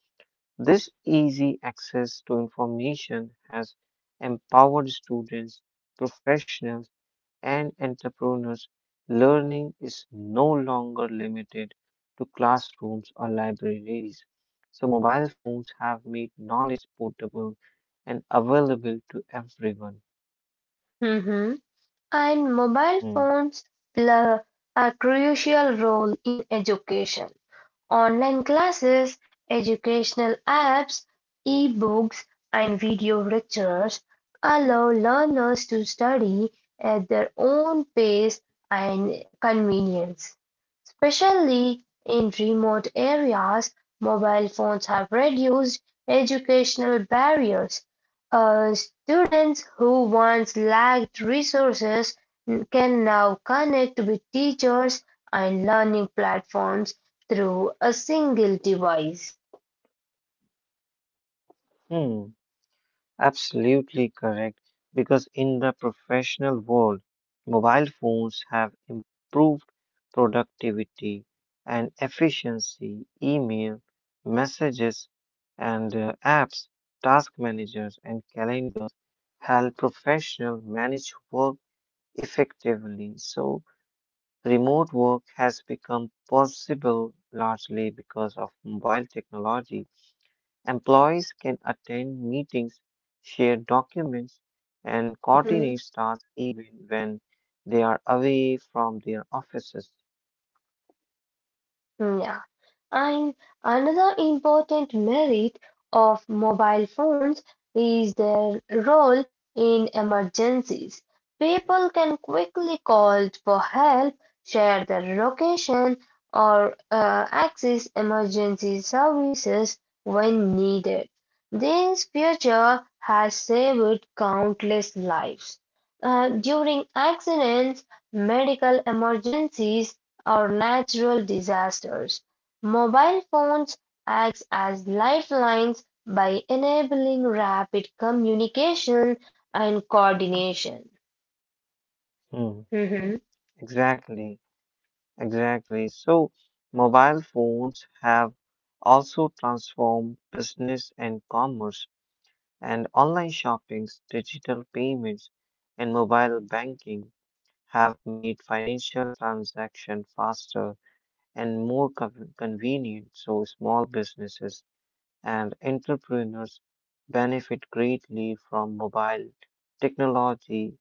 Speaker 2: this easy access to information has empowered students, professionals, and entrepreneurs. Learning is no longer limited to classrooms or libraries. So, mobile phones have made knowledge portable and available to everyone.
Speaker 1: And mobile
Speaker 2: Hmm.
Speaker 1: phones play a crucial role in education. Online classes, educational apps, e-books, and video lectures allow learners to study at their own pace and convenience. Especially in remote areas, mobile phones have reduced educational barriers. uh, Students who once lacked resources can now connect with teachers and learning platforms through a single device.
Speaker 2: Hmm. Absolutely correct, because in the professional world, mobile phones have improved productivity and efficiency. Email, messages, and uh, apps, task managers, and calendars help professionals manage work effectively. So, remote work has become possible largely because of mobile technology. Employees can attend meetings, share documents, and coordinate tasks even when they are away from their offices.
Speaker 1: Yeah. And another important merit of mobile phones is their role in emergencies. People can quickly call for help, share their location, or uh, access emergency services when needed. This feature has saved countless lives uh, during accidents, medical emergencies, or natural disasters. Mobile phones act as lifelines by enabling rapid communication and coordination.
Speaker 2: Hmm.
Speaker 1: Mhm,
Speaker 2: Exactly, exactly. So, mobile phones have also transformed business and commerce, and online shoppings, digital payments, and mobile banking have made financial transactions faster and more con- convenient. So, small businesses and entrepreneurs benefit greatly from mobile technology.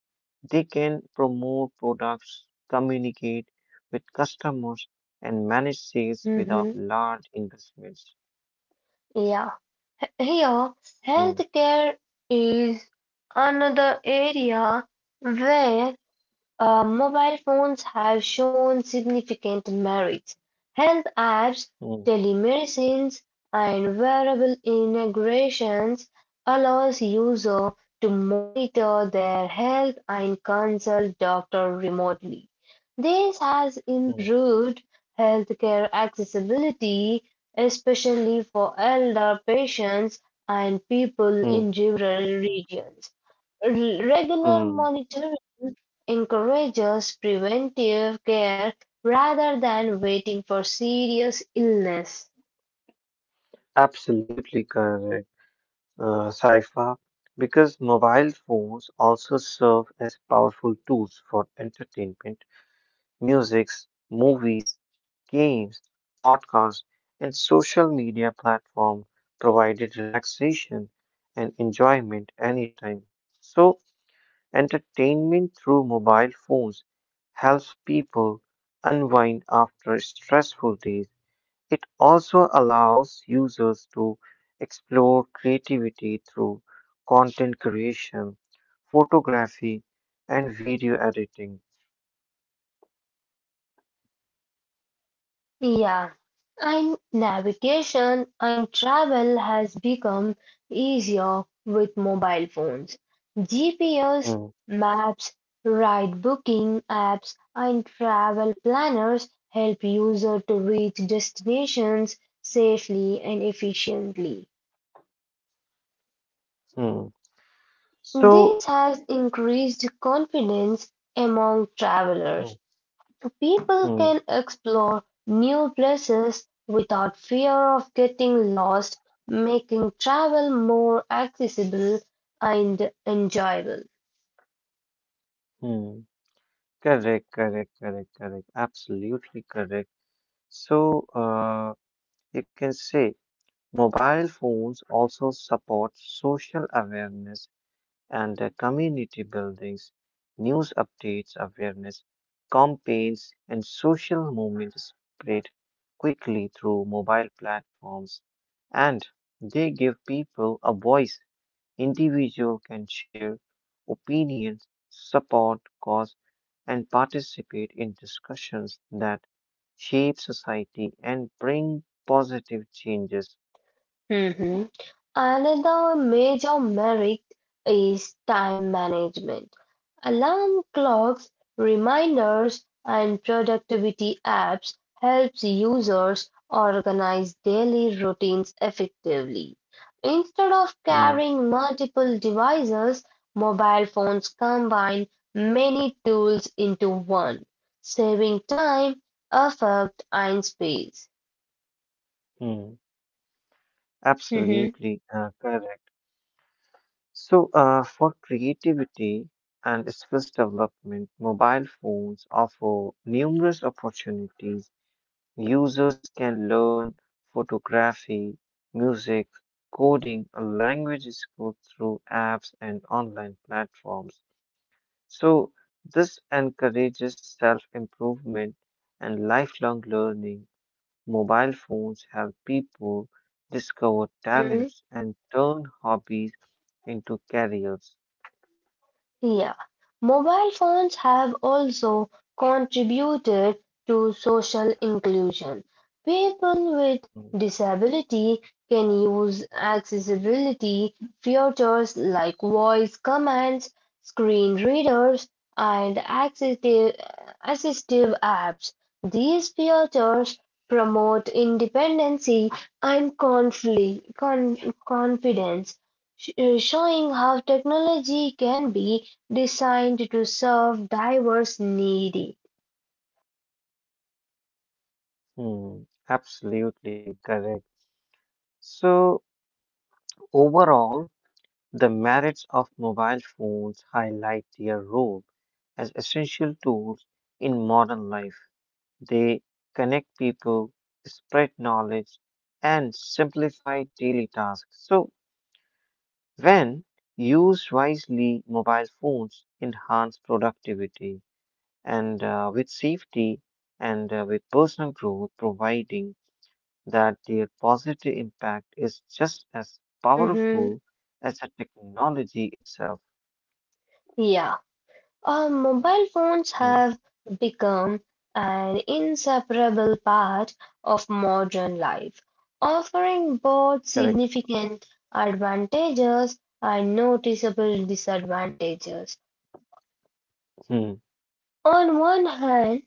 Speaker 2: They can promote products, communicate with customers, and manage sales without
Speaker 1: mhm.
Speaker 2: large investments.
Speaker 1: Yeah. H- Here,
Speaker 2: Mm,
Speaker 1: healthcare is another area where Uh, mobile phones have shown significant merits. Health apps,
Speaker 2: mm,
Speaker 1: telemedicines, and wearable integrations allows users to monitor their health and consult doctor remotely. This has
Speaker 2: mm,
Speaker 1: improved healthcare accessibility, especially for elder patients and people in
Speaker 2: mm,
Speaker 1: rural regions. Regular
Speaker 2: mm.
Speaker 1: monitoring encourages preventive care rather than waiting for serious illness.
Speaker 2: Absolutely correct, uh, Saifa, because mobile phones also serve as powerful tools for entertainment. Musics, movies, games, podcasts, and social media platforms provided relaxation and enjoyment anytime. So, entertainment through mobile phones helps people unwind after stressful days. It also allows users to explore creativity through content creation, photography, and video editing.
Speaker 1: Yeah, and navigation and travel has become easier with mobile phones. G P S,
Speaker 2: Hmm,
Speaker 1: maps, ride booking apps, and travel planners help users to reach destinations safely and efficiently.
Speaker 2: hmm. So,
Speaker 1: This has increased confidence among
Speaker 2: mm,
Speaker 1: travelers. People
Speaker 2: mm,
Speaker 1: can explore new places without fear of getting lost, making travel more accessible and enjoyable.
Speaker 2: mm. Correct, correct, correct, correct. Absolutely correct. So, uh, you can say mobile phones also support social awareness and uh, community buildings, news updates, awareness campaigns, and social movements spread quickly through mobile platforms, and they give people a voice. Individuals can share opinions, support cause, and participate in discussions that shape society and bring positive changes.
Speaker 1: Mhm. Another major merit is time management. Alarm clocks, reminders, and productivity apps helps users organize daily routines effectively. Instead of
Speaker 2: Hmm,
Speaker 1: carrying multiple devices, mobile phones combine many tools into one, saving time, effort, and space.
Speaker 2: hmm.
Speaker 1: Mhm.
Speaker 2: Absolutely uh, correct. So, uh, for creativity and skills development, mobile phones offer numerous opportunities. Users can learn photography, music, coding, and language skills through apps and online platforms. So, this encourages self improvement and lifelong learning. Mobile phones help people discover talents and turn hobbies into careers.
Speaker 1: Yeah. Mobile phones have also contributed to social inclusion. People with disability can use accessibility features like voice commands, screen readers, and assistive, assistive apps. These features promote independency and confli- con- confidence, sh- showing how technology can be designed to serve diverse needy.
Speaker 2: Hmm, absolutely correct. So, overall, the merits of mobile phones highlight their role as essential tools in modern life. They connect people, spread knowledge, and simplify daily tasks. So, when used wisely, mobile phones enhance productivity and uh, with safety and uh, with personal growth, providing that their positive impact is just as powerful
Speaker 1: Mhm.
Speaker 2: as the technology itself.
Speaker 1: Yeah. Uh, mobile phones
Speaker 2: Hmm.
Speaker 1: have become an inseparable part of modern life, offering both
Speaker 2: Correct.
Speaker 1: significant advantages and noticeable disadvantages.
Speaker 2: Hmm.
Speaker 1: On one hand,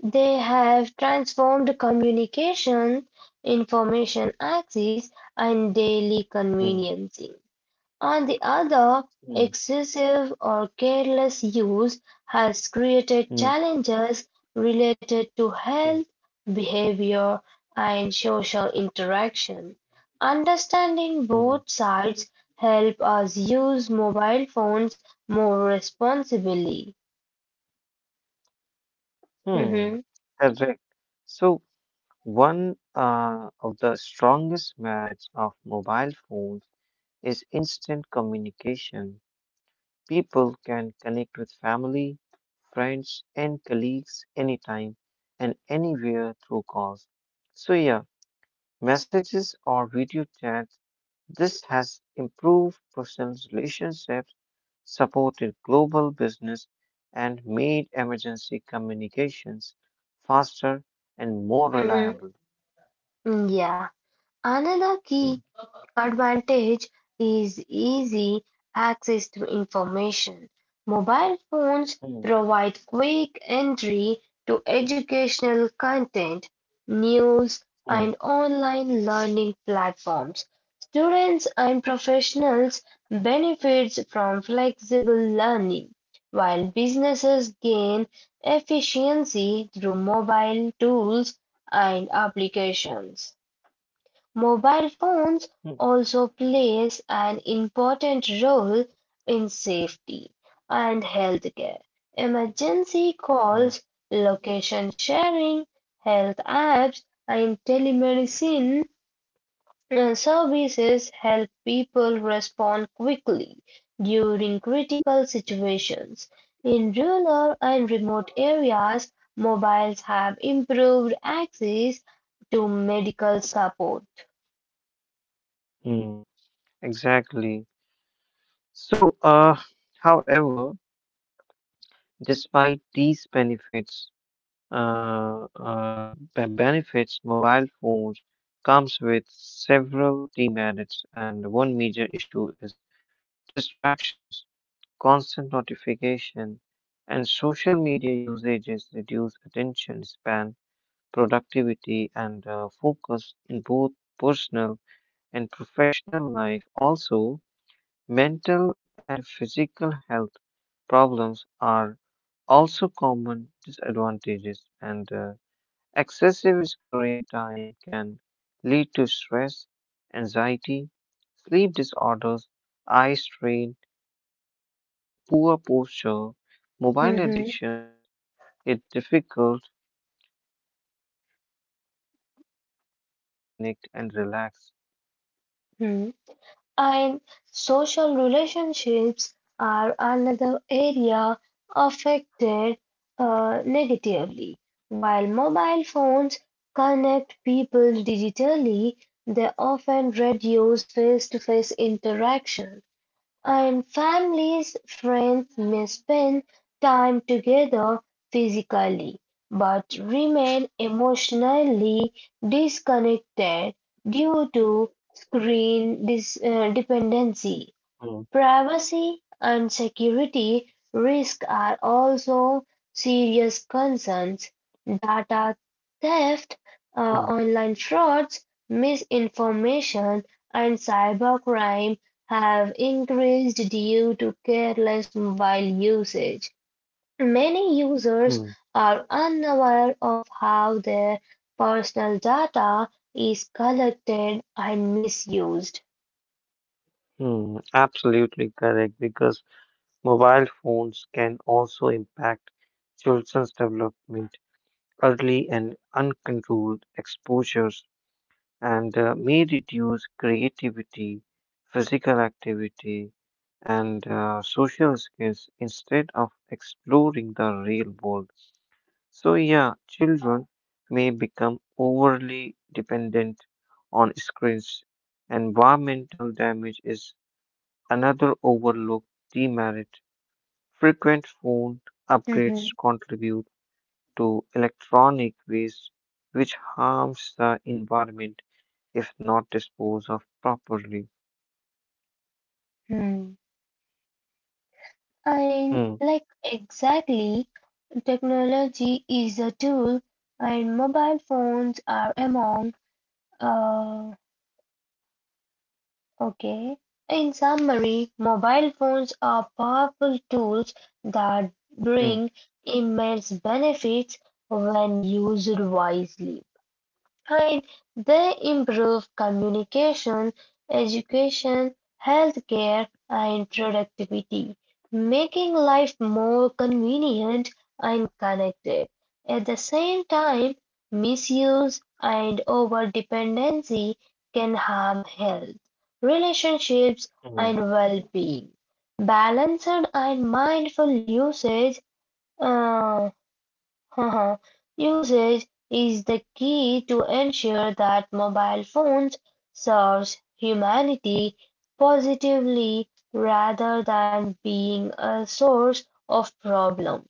Speaker 1: they have transformed communication, information access, and daily
Speaker 2: Hmm.
Speaker 1: convenience. On the other,
Speaker 2: Hmm.
Speaker 1: excessive or careless use has created
Speaker 2: Hmm.
Speaker 1: challenges related to health,
Speaker 2: Hmm.
Speaker 1: behavior, and social interaction. Understanding
Speaker 2: Mm,
Speaker 1: both sides help us use mobile phones more responsibly.
Speaker 2: mm.
Speaker 1: Mhm.
Speaker 2: Correct. So one uh, of the strongest merits of mobile phones is instant communication. People can connect with family, friends, and colleagues anytime and anywhere through calls. So yeah, messages or video chats. This has improved personal relationships, supported global business, and made emergency communications faster and more
Speaker 1: hmm
Speaker 2: reliable.
Speaker 1: Yeah. Another key
Speaker 2: Mm,
Speaker 1: advantage is easy access to information. Mobile phones
Speaker 2: mm,
Speaker 1: provide quick entry to educational content, news,
Speaker 2: mm,
Speaker 1: and online learning platforms. Students and professionals benefit from flexible learning, while businesses gain efficiency through mobile tools and applications. Mobile phones
Speaker 2: mm,
Speaker 1: also plays an important role in safety and healthcare, emergency
Speaker 2: mm,
Speaker 1: calls, location sharing, health apps, and telemedicine uh, services help people respond quickly during critical situations. In rural and remote areas, mobiles have improved access to medical support.
Speaker 2: mm. Exactly. So, uh, however, despite these benefits, uh, uh, be- benefits mobile phones comes with several demerits, and one major issue is distractions, constant notification, and social media usages reduce attention span, productivity, and uh, focus in both personal and professional life. Also, mental and physical health problems are also common disadvantages and uh, excessive screen time can lead to stress, anxiety, sleep disorders, eye strain, and uh, poor posture. Mobile addictions makes it difficult uh, to people to disconnect and relax.
Speaker 1: Hmm. And social relationships are another area affected uh, negatively. While mobile phones connect people digitally, they often reduce face-to-face interaction. And families, friends may spend time together physically, but remain emotionally disconnected due to screen dis- uh, dependency.
Speaker 2: Mm,
Speaker 1: Privacy and security risks are also serious concerns. Data theft, uh,
Speaker 2: mm,
Speaker 1: online frauds, misinformation, and cybercrime have increased due to careless mobile usage. Many users
Speaker 2: mm.
Speaker 1: are unaware of how their personal data is collected and misused.
Speaker 2: Hmm, absolutely correct because mobile phones can also impact children's development. Early and uncontrolled exposures and uh, may reduce creativity, physical activity, and uh, social skills instead of exploring the real world. So, yeah, children may become overly dependent on screens. Environmental damage is another overlooked demerit. Frequent phone upgrades
Speaker 1: Mhm.
Speaker 2: contribute to electronic waste, which harms the environment if not disposed of properly.
Speaker 1: Hmm. And
Speaker 2: Mm,
Speaker 1: like exactly, technology is a tool, and mobile phones are among. Uh, okay. In summary, mobile phones are powerful tools that
Speaker 2: mm,
Speaker 1: bring immense benefits when used wisely. And they improve communication, education, healthcare, and productivity, making life more convenient and connected. At the same time, misuse and over-dependency can harm health, relationships,
Speaker 2: mm,
Speaker 1: and well-being. Balanced and mindful usage uh, Haha, Usage is the key to ensure that mobile phones serves humanity positively rather than being a source of problem.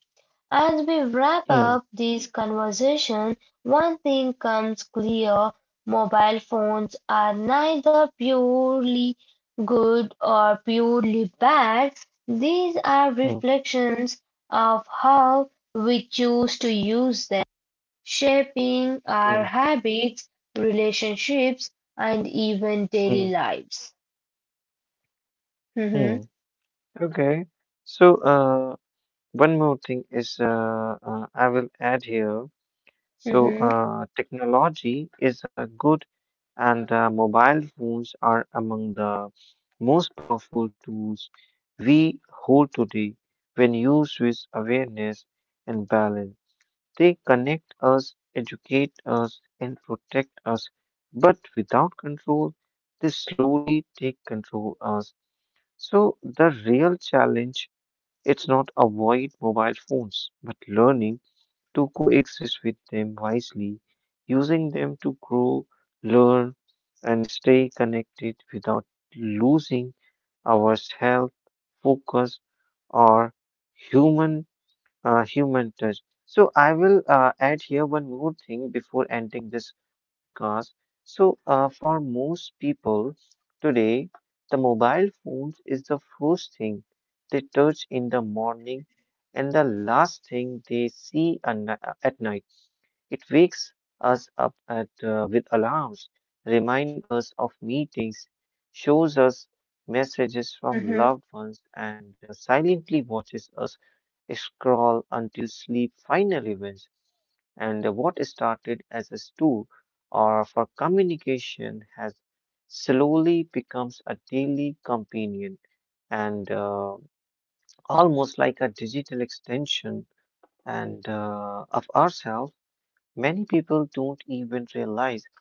Speaker 1: As we wrap
Speaker 2: mm,
Speaker 1: up this conversation, one thing comes clear: mobile phones are neither purely good or purely bad, these are
Speaker 2: mm,
Speaker 1: reflections of how we choose to use them, shaping our
Speaker 2: mm,
Speaker 1: habits, relationships, and even
Speaker 2: mm,
Speaker 1: daily lives. Mhm,
Speaker 2: mm. Okay, so uh, one more thing is uh, uh, I will add here. So
Speaker 1: mhm,
Speaker 2: uh, technology is a good, and uh, mobile phones are among the most powerful tools we hold today when used with awareness and balance. They connect us, educate us, and protect us. But without control, they slowly take control us. So the real challenge it's not avoid mobile phones, but learning to coexist with them wisely, using them to grow, learn, and stay connected without losing our health, focus, or human uh, human touch. So I will uh, add here one more thing before ending this podcast. So uh, for most people today, the mobile phones is the first thing they touch in the morning and the last thing they see a ni- at night. It wakes us up at, uh, with alarms, reminds us of meetings, shows us messages from
Speaker 1: mhm,
Speaker 2: loved ones, and uh, silently watches us scroll until sleep finally wins. And what started as a tool or for communication has slowly becomes a daily companion and uh, almost like a digital extension and uh, of ourselves. Many people don't even realize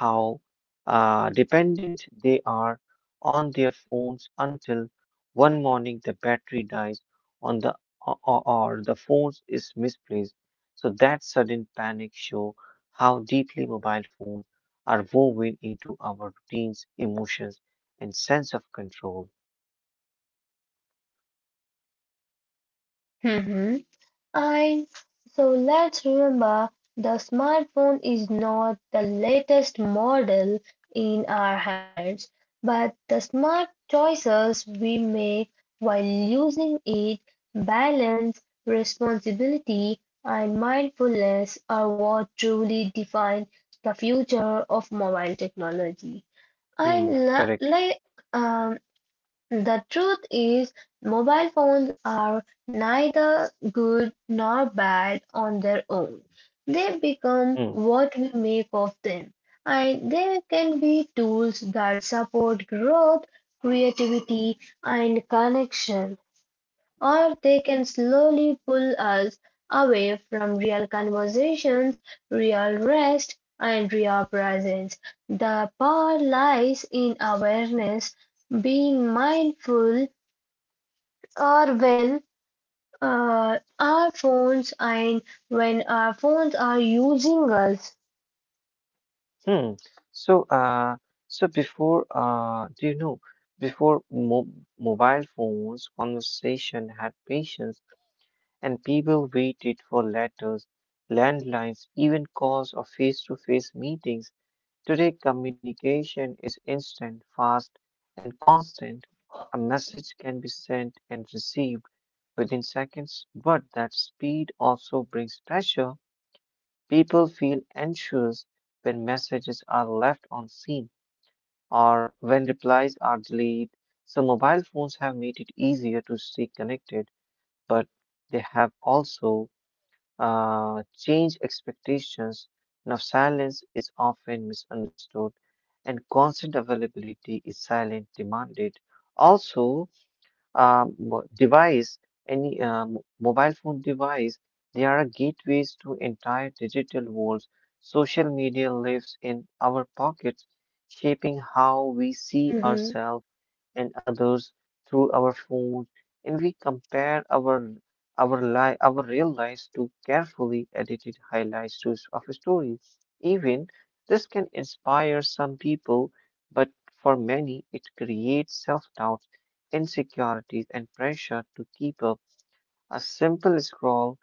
Speaker 2: how uh, dependent they are on their phones until one morning the battery dies on the or, or or the phone is misplaced. So that sudden panic show how deeply mobile phones are woven into our routines, emotions, and sense of control.
Speaker 1: mhm. And so let's remember the smartphone is not the latest model in our hands, but the smart choices we make while using it, balance, responsibility, and mindfulness are what truly define the future of mobile technology.
Speaker 2: Hmm,
Speaker 1: And la-
Speaker 2: correct.
Speaker 1: like, um, the truth is, mobile phones are neither good nor bad on their own. They become
Speaker 2: Hmm.
Speaker 1: what we make of them, and they can be tools that support growth, creativity, and connection or they can slowly pull us away from real conversations, real rest, and real presence. The power lies in awareness, being mindful or when uh, our phones and when our phones are using us.
Speaker 2: Hmm. So, uh, so before, uh, do you know, before mo mobile phones, conversation had patience, and people waited for letters, landlines, even calls or face-to-face meetings. Today, communication is instant, fast, and constant. A message can be sent and received within seconds, but that speed also brings pressure. People feel anxious when messages are left unseen or when replies are delayed. So, mobile phones have made it easier to stay connected, but they have also uh, changed expectations. Now, silence is often misunderstood, and constant availability is silent demanded. Also, um, mo- device, any um, mobile phone device, they are gateways to entire digital worlds. Social media lives in our pockets, shaping how we see
Speaker 1: Mhm,
Speaker 2: ourselves and others through our phones, and we compare our our life, our real lives to carefully edited highlights to, s- of a story. Even this can inspire some people, but for many, it creates self doubt insecurity parties and pressure to keep up, a simple scroll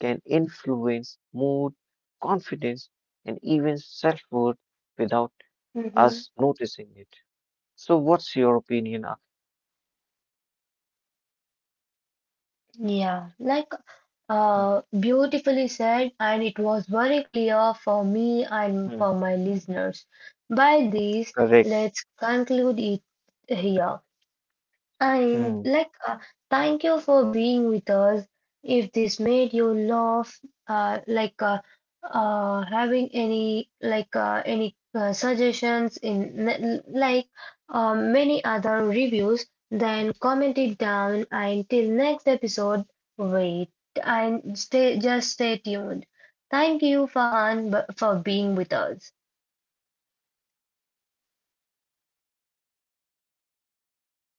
Speaker 2: can influence mood, confidence, and even self worth without
Speaker 1: mhm.
Speaker 2: us noticing it. So, what's your opinion? Ak-
Speaker 1: Yeah, like
Speaker 2: Hmm,
Speaker 1: Uh, beautifully said, and it was very clear for me and
Speaker 2: hmm,
Speaker 1: for my listeners. By this,
Speaker 2: correct.
Speaker 1: let's conclude it here. And
Speaker 2: Hmm.
Speaker 1: like, uh, thank you for being with us. If this made you laugh, uh, like uh, uh, having any like uh, any uh, suggestions in n- like uh, many other reviews, then comment it down. And till next episode, wait and stay. Just stay tuned. Thank you, Fahan, b- for being with us.